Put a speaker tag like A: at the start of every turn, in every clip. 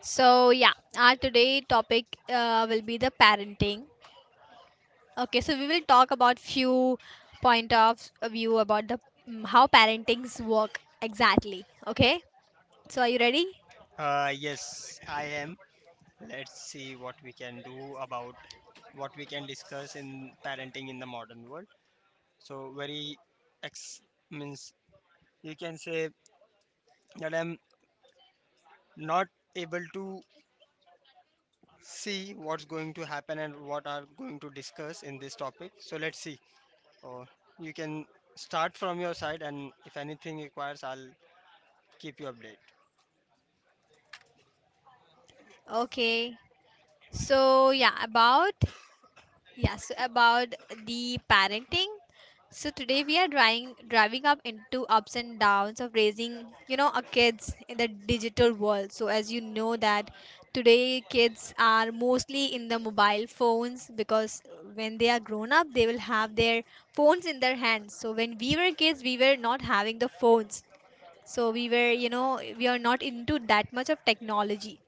A: So yeah, our today topic will be the parenting. Okay, so we will talk about few point of view about the how parentings work exactly. Okay, so are you ready?
B: Yes, I am. Let's see what we can discuss in parenting in the modern world. So very ex means you can say that I'm not able to see what's going to happen and what are going to discuss in this topic. So let's see. Or you can start from your side, and if anything requires, I'll keep you updated.
A: Okay, so yeah, about Yes, about the parenting. So today we are driving up into ups and downs of raising, you know, our kids in the digital world. So as you know that today kids are mostly in the mobile phones because when they are grown up they will have their phones in their hands. So when we were kids we were not having the phones. So we were, you know, we are not into that much of technology.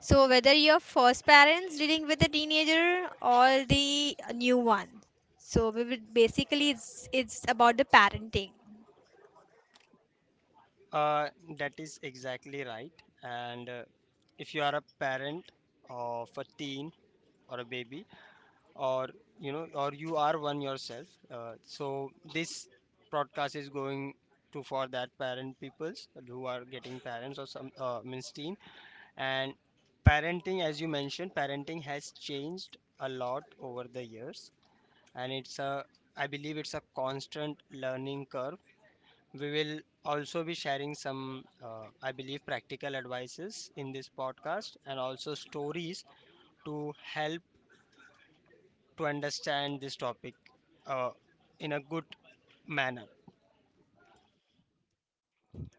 A: So whether your first parents dealing with the teenager or the new one, so we would basically it's about the parenting.
B: Uh, that is exactly right. And if you are a parent of a teen or a baby, or or you are one yourself, so this broadcast is going to for that parent peoples who are getting parents or some means teen. And parenting, as you mentioned, parenting has changed a lot over the years, and it's a I believe it's a constant learning curve. We will also be sharing some, I believe, practical advices in this podcast and also stories to help to understand this topic uh, in a good manner.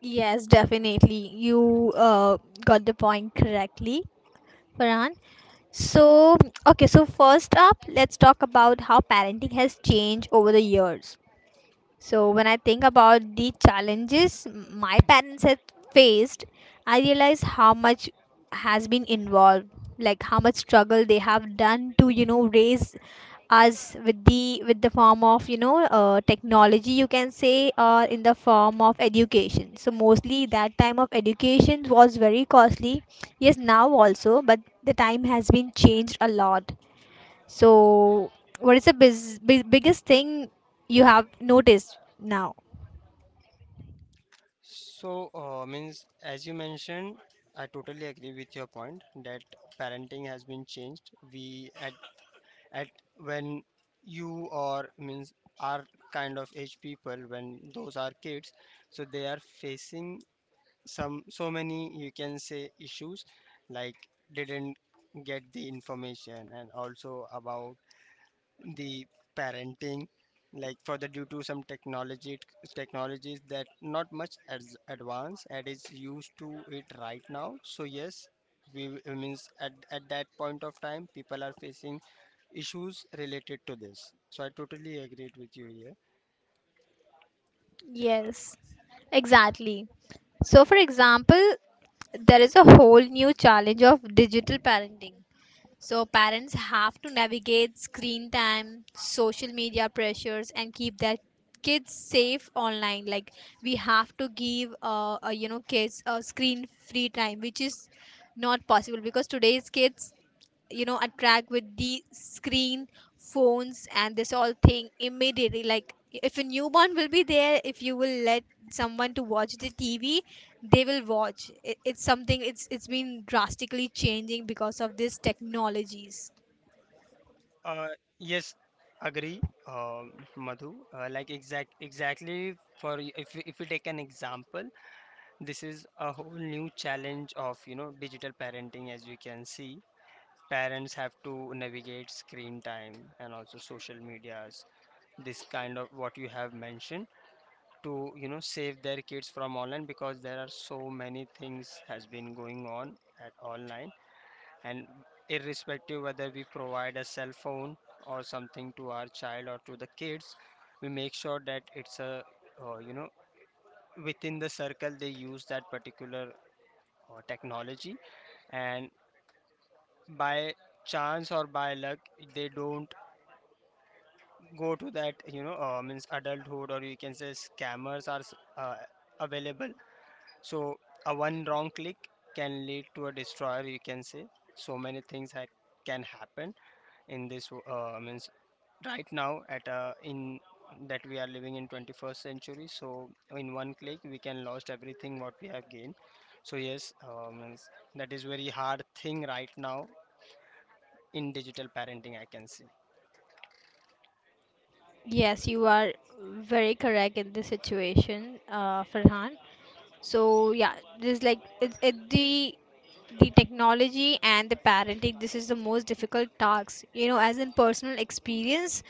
A: Yes, definitely. You got the point correctly, Farhan. So, okay, so first up, let's talk about how parenting has changed over the years. So when I think about the challenges my parents had faced, I realize how much has been involved, like how much struggle they have done to you know raise us with the form of you know technology you can say or in the form of education. So mostly that time of education was very costly, yes now also, but the time has been changed a lot. So what is the biggest thing you have noticed now?
B: So, means as you mentioned, I totally agree with your point that parenting has been changed. We at when you or means our kind of age people, when those are kids, so they are facing some so many you can say issues like didn't get the information and also about the parenting, like for the due to some technology technologies that not much as advanced and is used to it right now. So yes, we it means at that point of time people are facing issues related to this, so I totally agreed with you here.
A: Yes, exactly. So, for example, there is a whole new challenge of digital parenting. So, parents have to navigate screen time, social media pressures, and keep their kids safe online. Like, we have to give, you know, kids a screen free time, which is not possible because today's kids you know attract with the screen phones and this all thing immediately. Like if a newborn will be there, if you will let someone to watch the TV, they will watch it. It's something, it's been drastically changing because of these technologies.
B: Uh, yes, agree, Madhu. Like exactly. If we take an example, this is a whole new challenge of digital parenting. As you can see, parents have to navigate screen time and also social medias. This kind of what you have mentioned, to save their kids from online because there are so many things has been going on at online. And irrespective whether we provide a cell phone or something to our child or to the kids, we make sure that it's a, uh, you know within the circle they use that particular technology. And by chance or by luck, they don't go to that, means, adulthood, or you can say scammers are uh, available. So a one wrong click can lead to a destroyer, you can say. So many things can happen in this, means, right now at, in that we are living in 21st century. So in one click we can lost everything what we have gained. So yes, means that is very hard thing right now in digital parenting, I can see.
A: Yes, you are very correct in this situation, Farhan. So yeah, this is like it the technology and the parenting, this is the most difficult tasks you know, as in personal experience.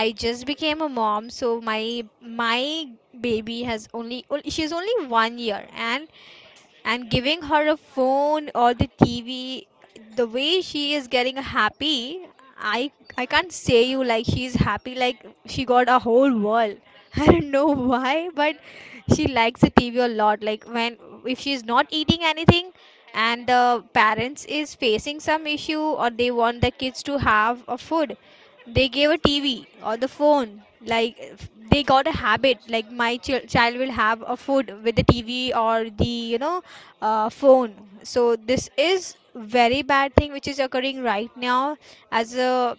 A: I just became a mom, so my baby has only, she's only 1 year, and giving her a phone or the TV, the way she is getting happy, I I can't say you, like she's happy like she got a whole world. I don't know why, but she likes the TV a lot. Like when if she's not eating anything and the parents is facing some issue or they want the kids to have a food, they gave a TV or the phone. Like if they got a habit. Like my child will have a food with the TV or the you know phone. So this is very bad thing which is occurring right now, as a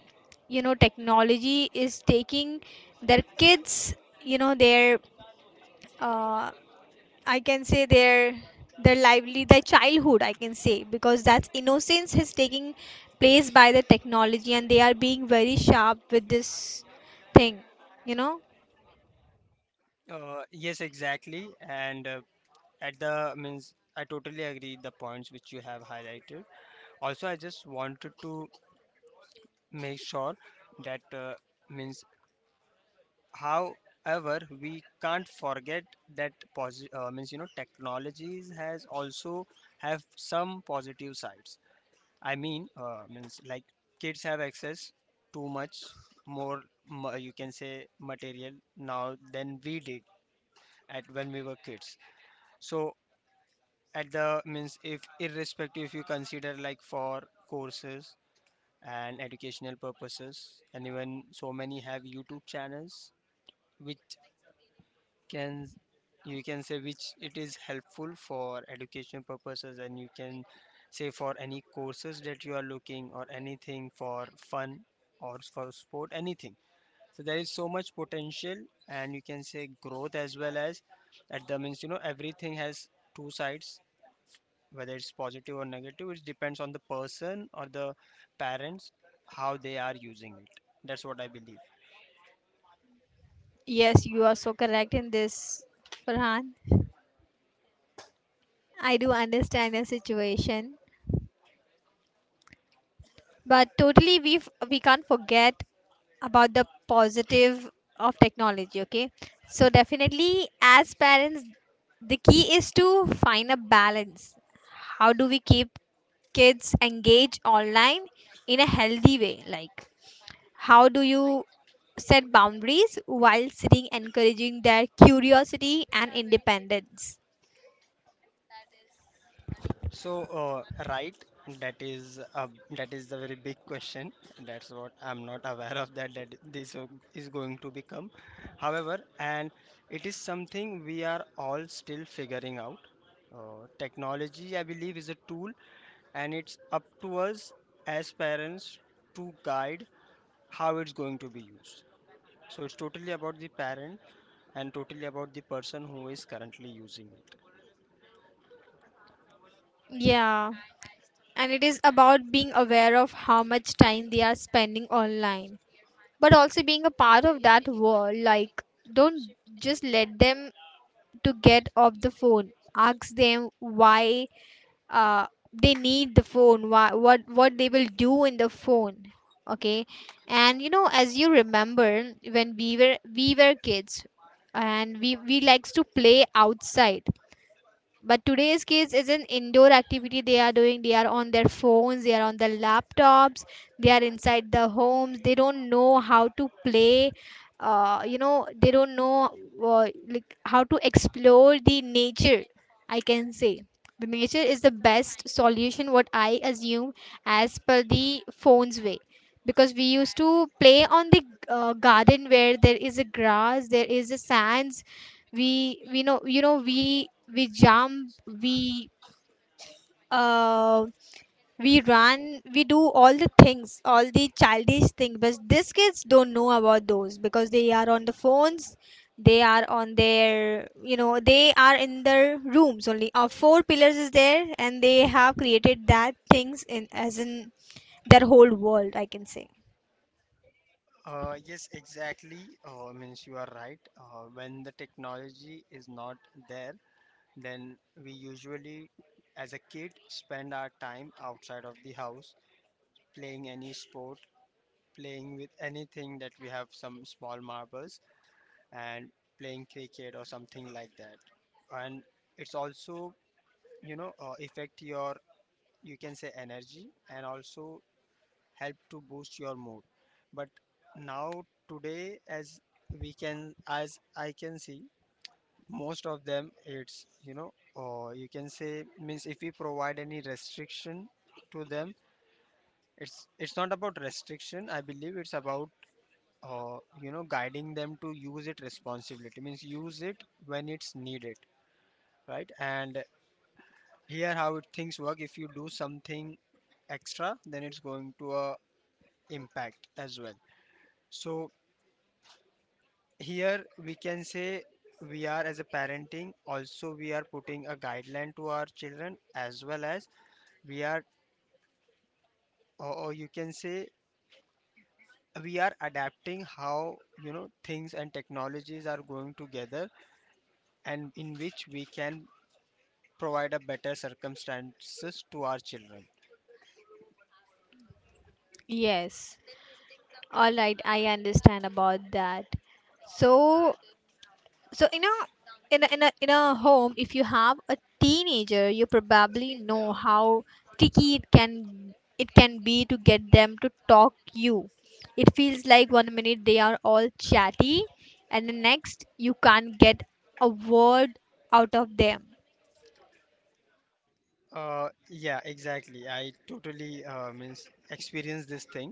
A: you know technology is taking their kids, you know their uh, I can say their lively, their childhood I can say, because that's innocence is taking place by the technology and they are being very sharp with this thing, you know.
B: Yes, exactly. And at the means I totally agree the points which you have highlighted. Also I just wanted to make sure that, means, however, we can't forget that, means you know, technologies has also have some positive sides. I mean, means, like kids have access too much more, you can say, material now than we did at when we were kids. So at the means, if irrespective, if you consider like for courses and educational purposes, and even so many have YouTube channels which can, you can say, which it is helpful for education purposes. And you can say for any courses that you are looking, or anything for fun, or for sport, anything. So there is so much potential and you can say growth as well. As at the means, everything has two sides. Whether it's positive or negative, it depends on the person or the parents how they are using it. That's what I believe.
A: Yes, you are so correct in this, Farhan. I do understand the situation. But totally, we we can't forget about the positive of technology. Okay, so definitely, as parents, the key is to find a balance. How do we keep kids engaged online in a healthy way? Like, how do you set boundaries while sitting encouraging their curiosity and independence?
B: So, right, that is a, that is the very big question. That's what I'm not aware of, that this is going to become. However, and it is something we are all still figuring out. Technology, I believe, is a tool, and it's up to us as parents to guide how it's going to be used. So it's totally about the parent and totally about the person who is currently using it.
A: Yeah, and it is about being aware of how much time they are spending online but also being a part of that world. Like don't just let them to get off the phone, ask them why uh, they need the phone, why, what they will do in the phone. Okay. And you know, as you remember, when we were kids and we likes to play outside, but today's kids is an indoor activity they are doing. They are on their phones, they are on the laptops, they are inside the homes. They don't know how to play. You know, they don't know like how to explore the nature. I can say the nature is the best solution. What I assume as per the phone's way, because we used to play on the garden where there is a grass, there is a sands, we know, you know, we jump, we uh we run, we do all the things, all the childish things, but these kids don't know about those because they are on the phones, they are on their, you know, they are in their rooms only, four pillars is there and they have created that things in as in their whole world, I can say.
B: Yes, exactly. Means you are right. When the technology is not there, then we usually, as a kid, spend our time outside of the house, playing any sport, playing with anything that we have, some small marbles, and playing cricket or something like that. And it's also, affect your, you can say, energy, and also help to boost your mood. But now today, as we can as I can see, most of them, it's you know, or you can say, means if we provide any restriction to them, it's not about restriction. I believe it's about, guiding them to use it responsibility, means use it when it's needed. Right. And here how it things work, if you do something extra then it's going to impact as well. So here we can say we are, as a parenting, also we are putting a guideline to our children, as well as we are, or you can say, we are adapting how things and technologies are going together, and in which we can provide a better circumstances to our children.
A: Yes. All right, I understand about that. so So in a in a home, if you have a teenager, you probably know how tricky it can be to get them to talk you. It feels like 1 minute they are all chatty, and the next you can't get a word out of them.
B: Yeah, exactly. I totally, means, experience this thing.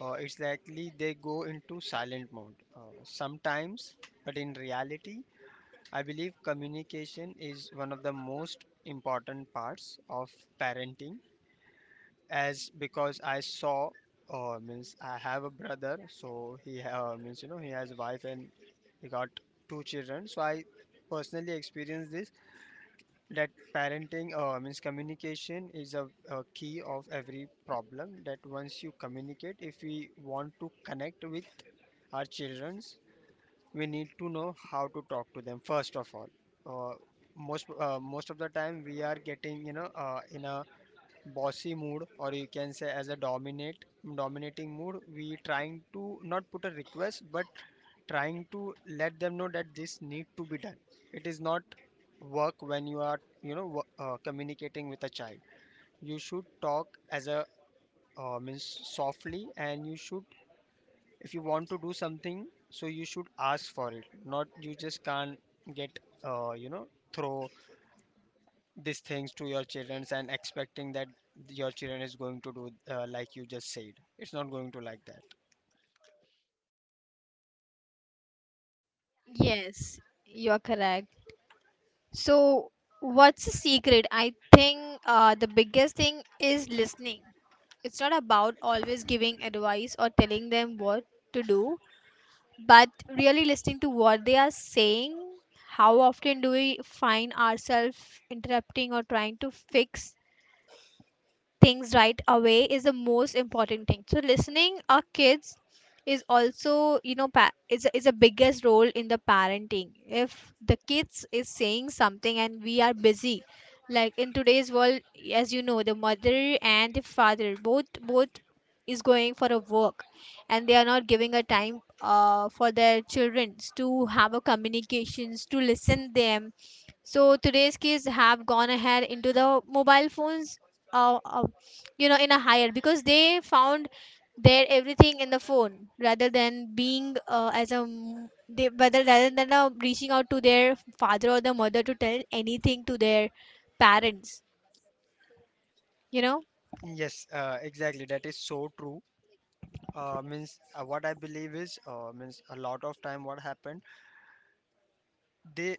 B: It's likely they go into silent mode, sometimes. But in reality I believe communication is one of the most important parts of parenting, as because I saw, means I have a brother, so he means you know he has a wife and he got two children. So I personally experienced this, that parenting, means, communication is a key of every problem. That once you communicate, if we want to connect with our children, we need to know how to talk to them first of all. uh, Most of the time we are getting, in a bossy mood, or you can say as a dominate dominating mood. We trying to not put a request, but trying to let them know that this need to be done. It is not work when you are, communicating with a child. You should talk as a, means, softly. And you should, if you want to do something, so you should ask for it. Not you just can't get you know throw these things to your children and expecting that your children is going to do, like you just said. It's not going to like that.
A: Yes, you are correct. So what's the secret? I think the biggest thing is listening. It's not about always giving advice or telling them what to do, but really listening to what they are saying. How often do we find ourselves interrupting or trying to fix things right away? Is the most important thing, so listening our kids is also, you know, is a biggest role in the parenting. If the kids is saying something and we are busy, like in today's world, as you know, the mother and the father both is going for a work, and they are not giving a time for their children to have a communications to listen them. So today's kids have gone ahead into the mobile phones, uh, uh, you know, in a higher, because they found their everything in the phone rather than being as a m- they whether rather than reaching out to their father or the mother to tell anything to their parents, you know.
B: Yes, exactly, that is so true. Means What I believe is, means, a lot of time what happened, they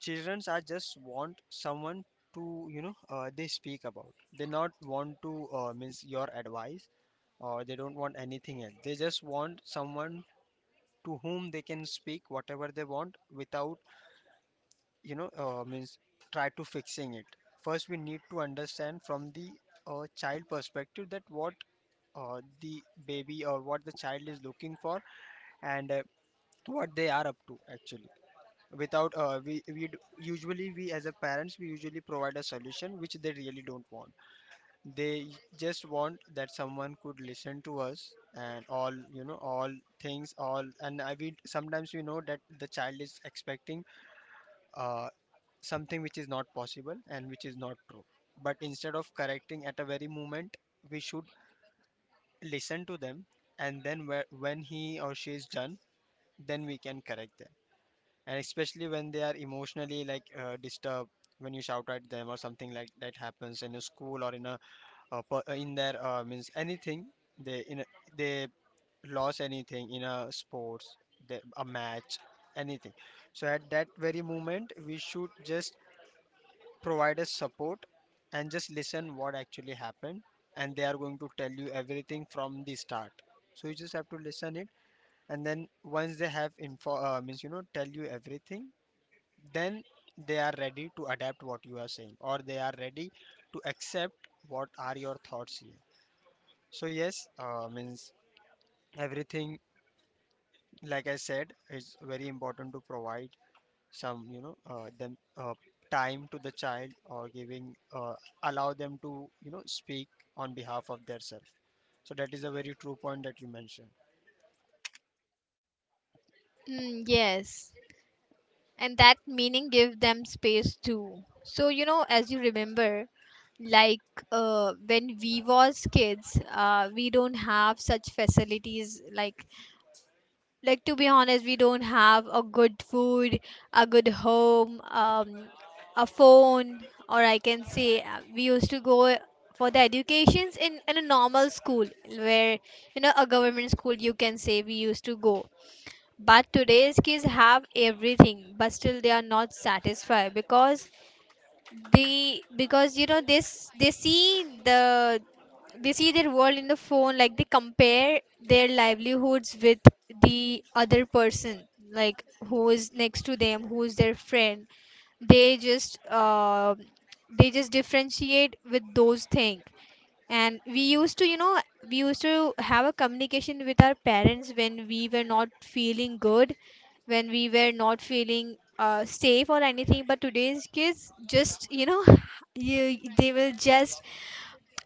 B: childrens are just want someone to, they speak about, they not want to, means, your advice. Or they don't want anything else, they just want someone to whom they can speak whatever they want without, means, try to fixing it. First we need to understand from the, child perspective that what, the baby, or what the child is looking for, and what they are up to actually. Without, we we usually we, as a parents, we usually provide a solution which they really don't want. They just want that someone could listen to us, and all, all things, all. And I, we sometimes we know that the child is expecting, uh, something which is not possible and which is not true. But instead of correcting at a very moment, we should listen to them. And then, when he or she is done, then we can correct them. And especially when they are emotionally like, disturbed, when you shout at them or something like that happens in a school, or in a, in their, means, anything. they in a, they lost anything in a sports, the a match, anything. So at that very moment we should just provide a support and just listen what actually happened, and they are going to tell you everything from the start. So you just have to listen it, and then once they have, info means you know tell you everything, then they are ready to adapt what you are saying, or they are ready to accept. What are your thoughts here? So yes, means everything, like I said, is very important. To provide some, them, time to the child, or giving, allow them to speak on behalf of their self. So that is a very true point that you mentioned.
A: Mm, yes, and that meaning give them space too. So you know, as you remember, like when we was kids, we don't have such facilities, like, to be honest, we don't have a good food, a good home, a phone, or I can say we used to go for the educations in a normal school, where you know a government school you can say we used to go. But today's kids have everything but still they are not satisfied, because they, because you know this, they see their world in the phone. Like they compare their livelihoods with the other person, like who is next to them, who's their friend. They just they just differentiate with those things. And we used to, you know, we used to have a communication with our parents when we were not feeling good, when we were not feeling safe or anything. But today's kids just, you know, you, they will just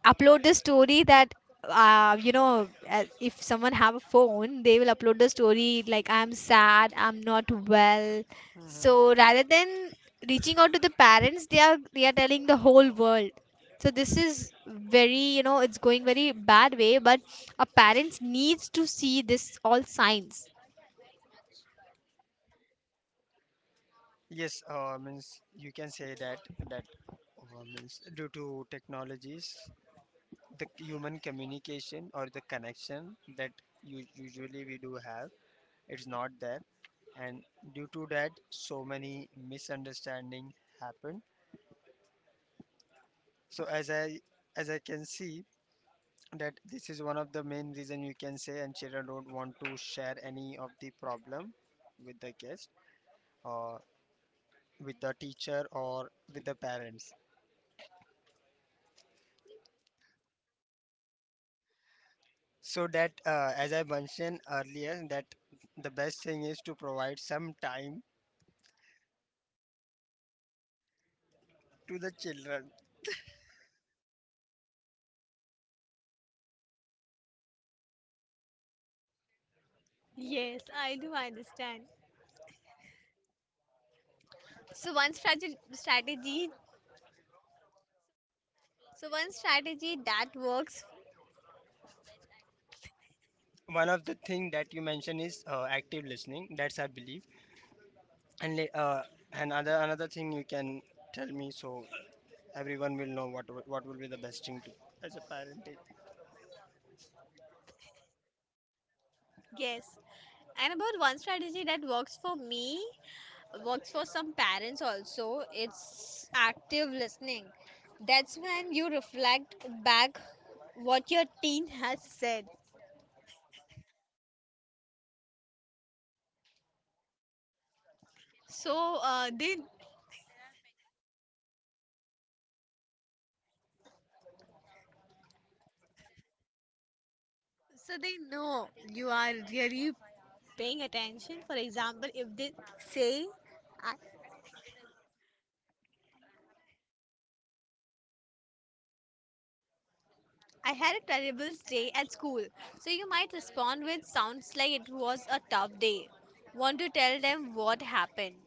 A: upload the story that you know, if someone have a phone, they will upload the story like I'm sad, I'm not well.
B: Hmm.
A: So rather than reaching out to the parents, they are telling the whole world. So this is very, you know, it's going very bad way, but a parents needs to see this all signs.
B: Yes, means you can say that, means due to technologies, the human communication or the connection that, usually we do have, it's not there. And due to that, so many misunderstanding happen. So as I can see that this is one Of the main reason, you can say, and children don't want to share any of the problem with the guest or with the teacher or with the parents. So that, as I mentioned earlier, that the best thing is to provide some time to the children.
A: Yes, I do understand. So one strategy strategy One strategy that works.
B: One of the thing that you mentioned is active listening, that's I believe, and another thing you can tell me, so everyone will know what will be the best thing to, as a parent.
A: Yes. And about one strategy that works for me, works for some parents also, it's active listening. That's when you reflect back what your teen has said. So they know you are really paying attention. For example, if they say I, I had a terrible day at school. So you might respond with sounds like it was a tough day. Want to tell them what happened.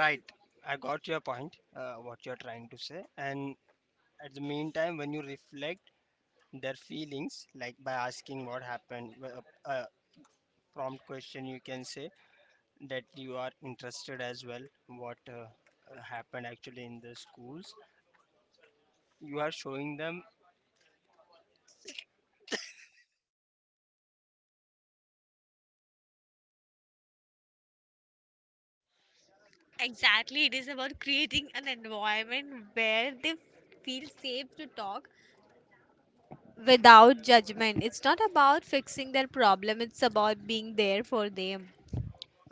B: Right, I got your point, what you're trying to say. And at the meantime when you reflect their feelings, like by asking what happened, uh, prompt question, you can say that you are interested as well, what happened actually in the schools. You are showing them.
A: Exactly, it is about creating an environment where they feel safe to talk without judgment. It's not about fixing their problem, it's about being there for them.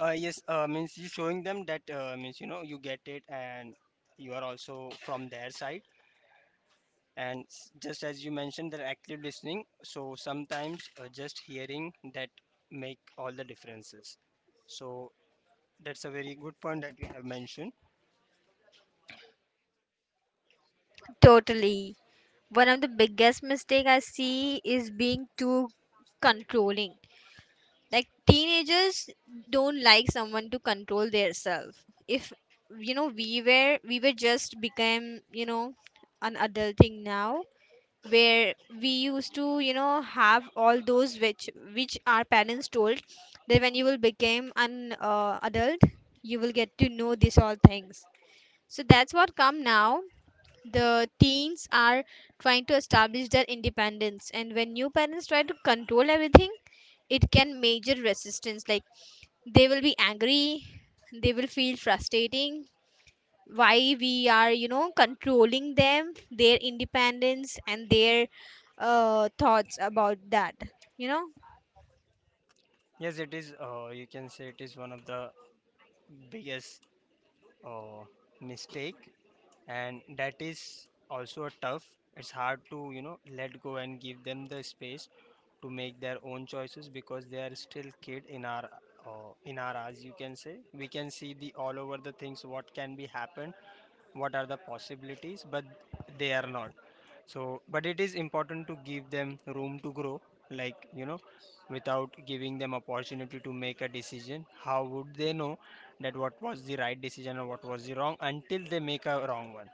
B: Yes, means you showing them that, means, you know, you get it, and you are also from their side. And just as you mentioned, they're active listening. So sometimes, just hearing that make all the differences. So that's a very good point that you have mentioned.
A: Totally. One of the biggest mistake I see is being too controlling. Like teenagers don't like someone to control their self. If you know we were just became, you know, an adulting now, where we used to you know have all those which our parents told, that when you will become an adult you will get to know these all things. So that's what come now, the teens are trying to establish their independence, and when new parents try to control everything, it can major resistance. Like they will be angry, they will feel frustrating, why we are, you know, controlling them, their independence and their thoughts about that, you know.
B: Yes, it is. You can say it is one of the biggest uh, mistake, and that is also a tough. It's hard to, you know, let go and give them the space to make their own choices, because they are still kid in our eyes, you can say, we can see the all over the things what can be happened, what are the possibilities, but they are not. So but it is important to give them room to grow, like, you know, without giving them opportunity to make a decision, how would they know that what was the right decision or what was the wrong until they make a wrong one.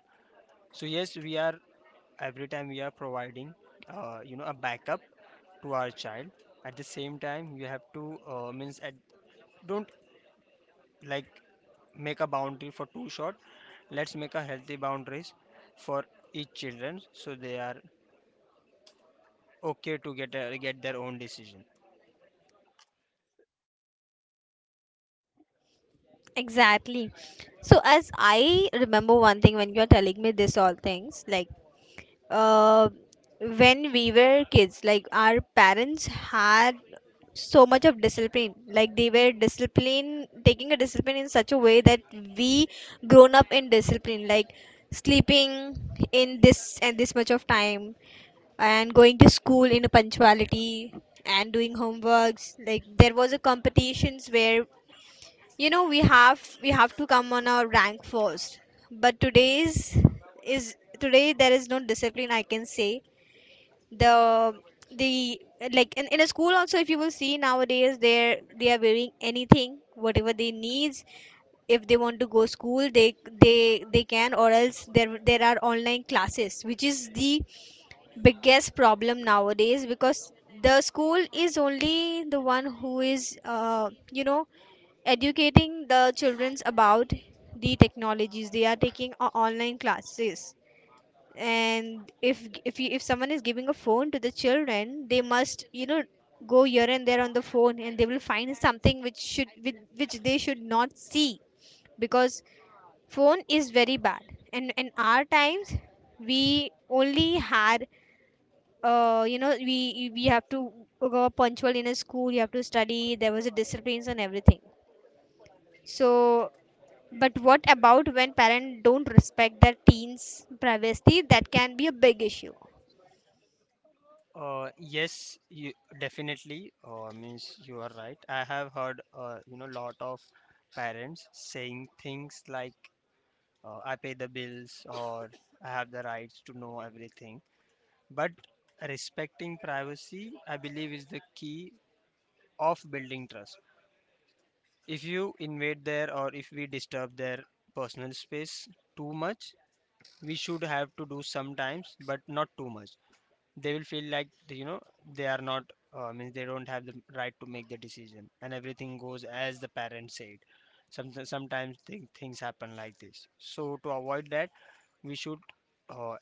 B: So yes, we are, every time we are providing, you know, a backup to our child. At the same time, you have to, means at, don't, like, make a boundary for too short. Let's make a healthy boundaries for each children so they are okay to get a, get their own decision.
A: Exactly. So as I remember one thing when you're telling me this all things, like uh when we were kids, like our parents had so much of discipline. Like they were discipline taking a discipline in such a way that we grown up in discipline, like sleeping in this and this much of time, and going to school in a punctuality, and doing homeworks, like there was a competitions where you know we have to come on our rank first. But is today there is no discipline I can say. The the Like in a school also, if you will see nowadays, they are wearing anything whatever they needs. If they want to go school, they can, or else there there are online classes, which is the biggest problem nowadays, because the school is only the one who is you know educating the childrens about the technologies. They are taking online classes, and if you, if someone is giving a phone to the children, they must you know go here and there on the phone and they will find something which which they should not see, because phone is very bad. And in our times, we only had you know, we have to go punctual in a school, you have to study, there was a disciplines and everything. So, but what about when parents don't respect their teens privacy? That can be a big issue.
B: Yes, you definitely, means you are right. I have heard, you know, lot of parents saying things like, I pay the bills, or I have the rights to know everything. But respecting privacy, I believe, is the key of building trust. If you invade their, or if we disturb their personal space too much, we should have to do sometimes, but not too much, they will feel like, you know, they are not, means, they don't have the right to make the decision, and everything goes as the parents said. Sometimes things happen like this, so to avoid that, we should uh,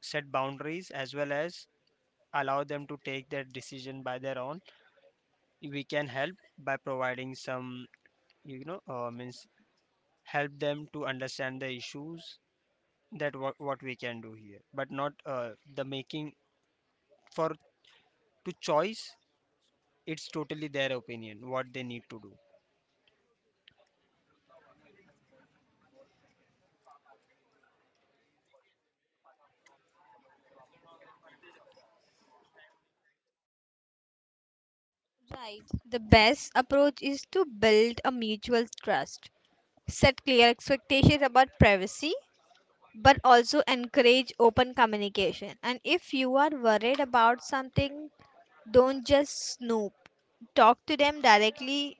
B: set boundaries as well as allow them to take their decision by their own. We can help by providing some, you know, means, help them to understand the issues, that what we can do here, but not the making for to choice. It's totally their opinion, what they need to do.
A: Right. The best approach is to build a mutual trust. Set clear expectations about privacy, but also encourage open communication. And if you are worried about something, don't just snoop. Talk to them directly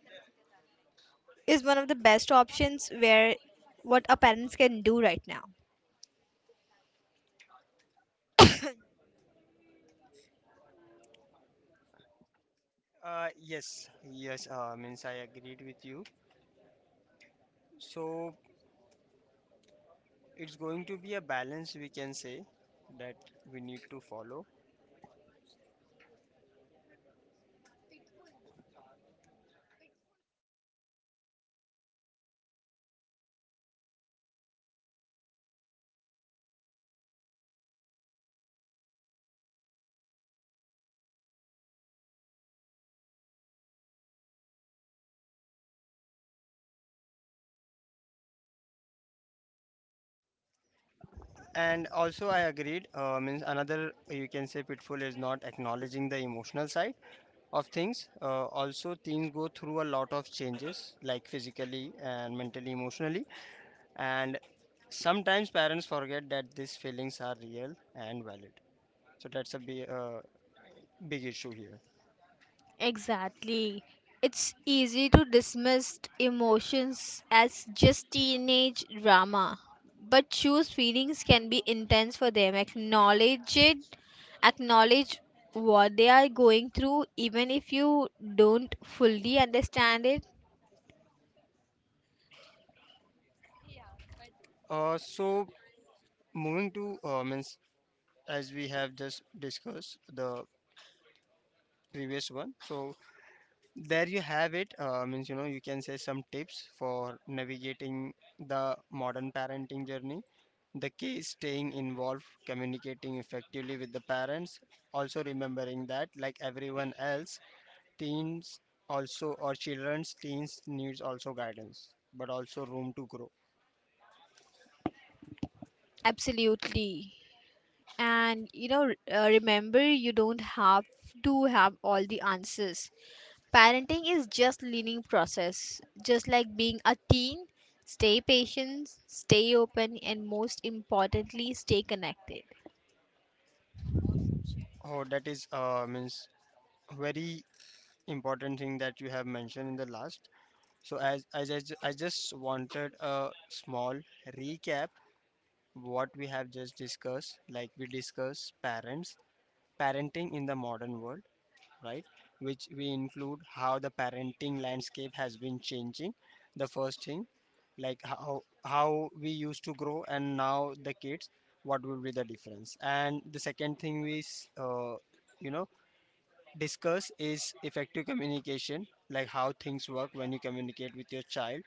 A: is one of the best options where what our parents can do right now.
B: Yes, yes, means I agreed with you. So it's going to be a balance, we can say, that we need to follow. And also I agreed, means, another you can say pitfall is not acknowledging the emotional side of things. Also things go through a lot of changes, like physically and mentally, emotionally. And sometimes parents forget that these feelings are real and valid. So that's a be big issue here.
A: Exactly. It's easy to dismiss emotions as just teenage drama. But choose feelings can be intense for them. Acknowledge it, acknowledge what they are going through, even if you don't fully understand it.
B: So moving to, means, as we have just discussed the previous one. So there you have it. Means, you know, you can say some tips for navigating the modern parenting journey. The key is staying involved, communicating effectively with the parents. Also remembering that, like everyone else, teens also, or children's teens, needs also guidance, but also room to grow.
A: Absolutely. And you know, remember you don't have to have all the answers. Parenting is just learning process, just like being a teen. Stay patient, stay open, and most importantly, stay connected.
B: Oh, that is, means, very important thing that you have mentioned in the last. So as I, I just wanted a small recap what we have just discussed. Like we discussed parents, parenting in the modern world, right? Which we include how the parenting landscape has been changing. The first thing, like how we used to grow and now the kids, what would be the difference? And the second thing is, you know, discuss is effective communication, like how things work when you communicate with your child.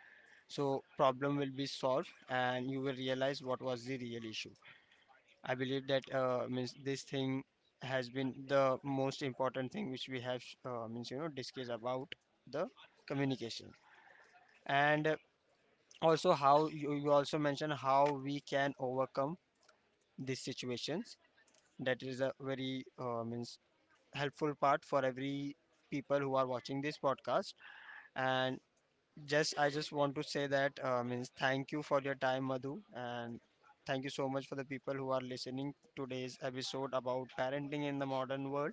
B: So problem will be solved, and you will realize what was the real issue. I believe that, means, this thing has been the most important thing which we have, means, you know, discussed about the communication, and also how you, you also mentioned how we can overcome these situations. That is a very, means, helpful part for every people who are watching this podcast. And just I just want to say that, means, thank you for your time, Madhu, and thank you so much for the people who are listening today's episode about parenting in the modern world.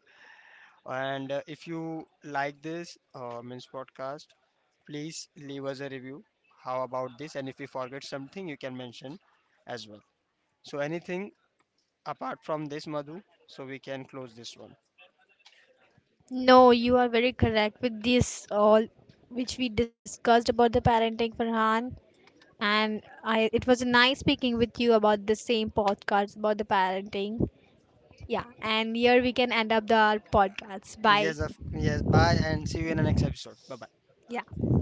B: And if you like this, means, podcast, please leave us a review. How about this? And if you forget something, you can mention as well. So anything apart from this, Madhu, so we can close this one.
A: No, you are very correct with this all which we discussed about the parenting, Farhan. And I, it was nice speaking with you about the same podcast about the parenting. Yeah, and here we can end up the our podcast. Bye.
B: Yes, of, yes. Bye, and see you in the next episode. Bye bye.
A: Yeah.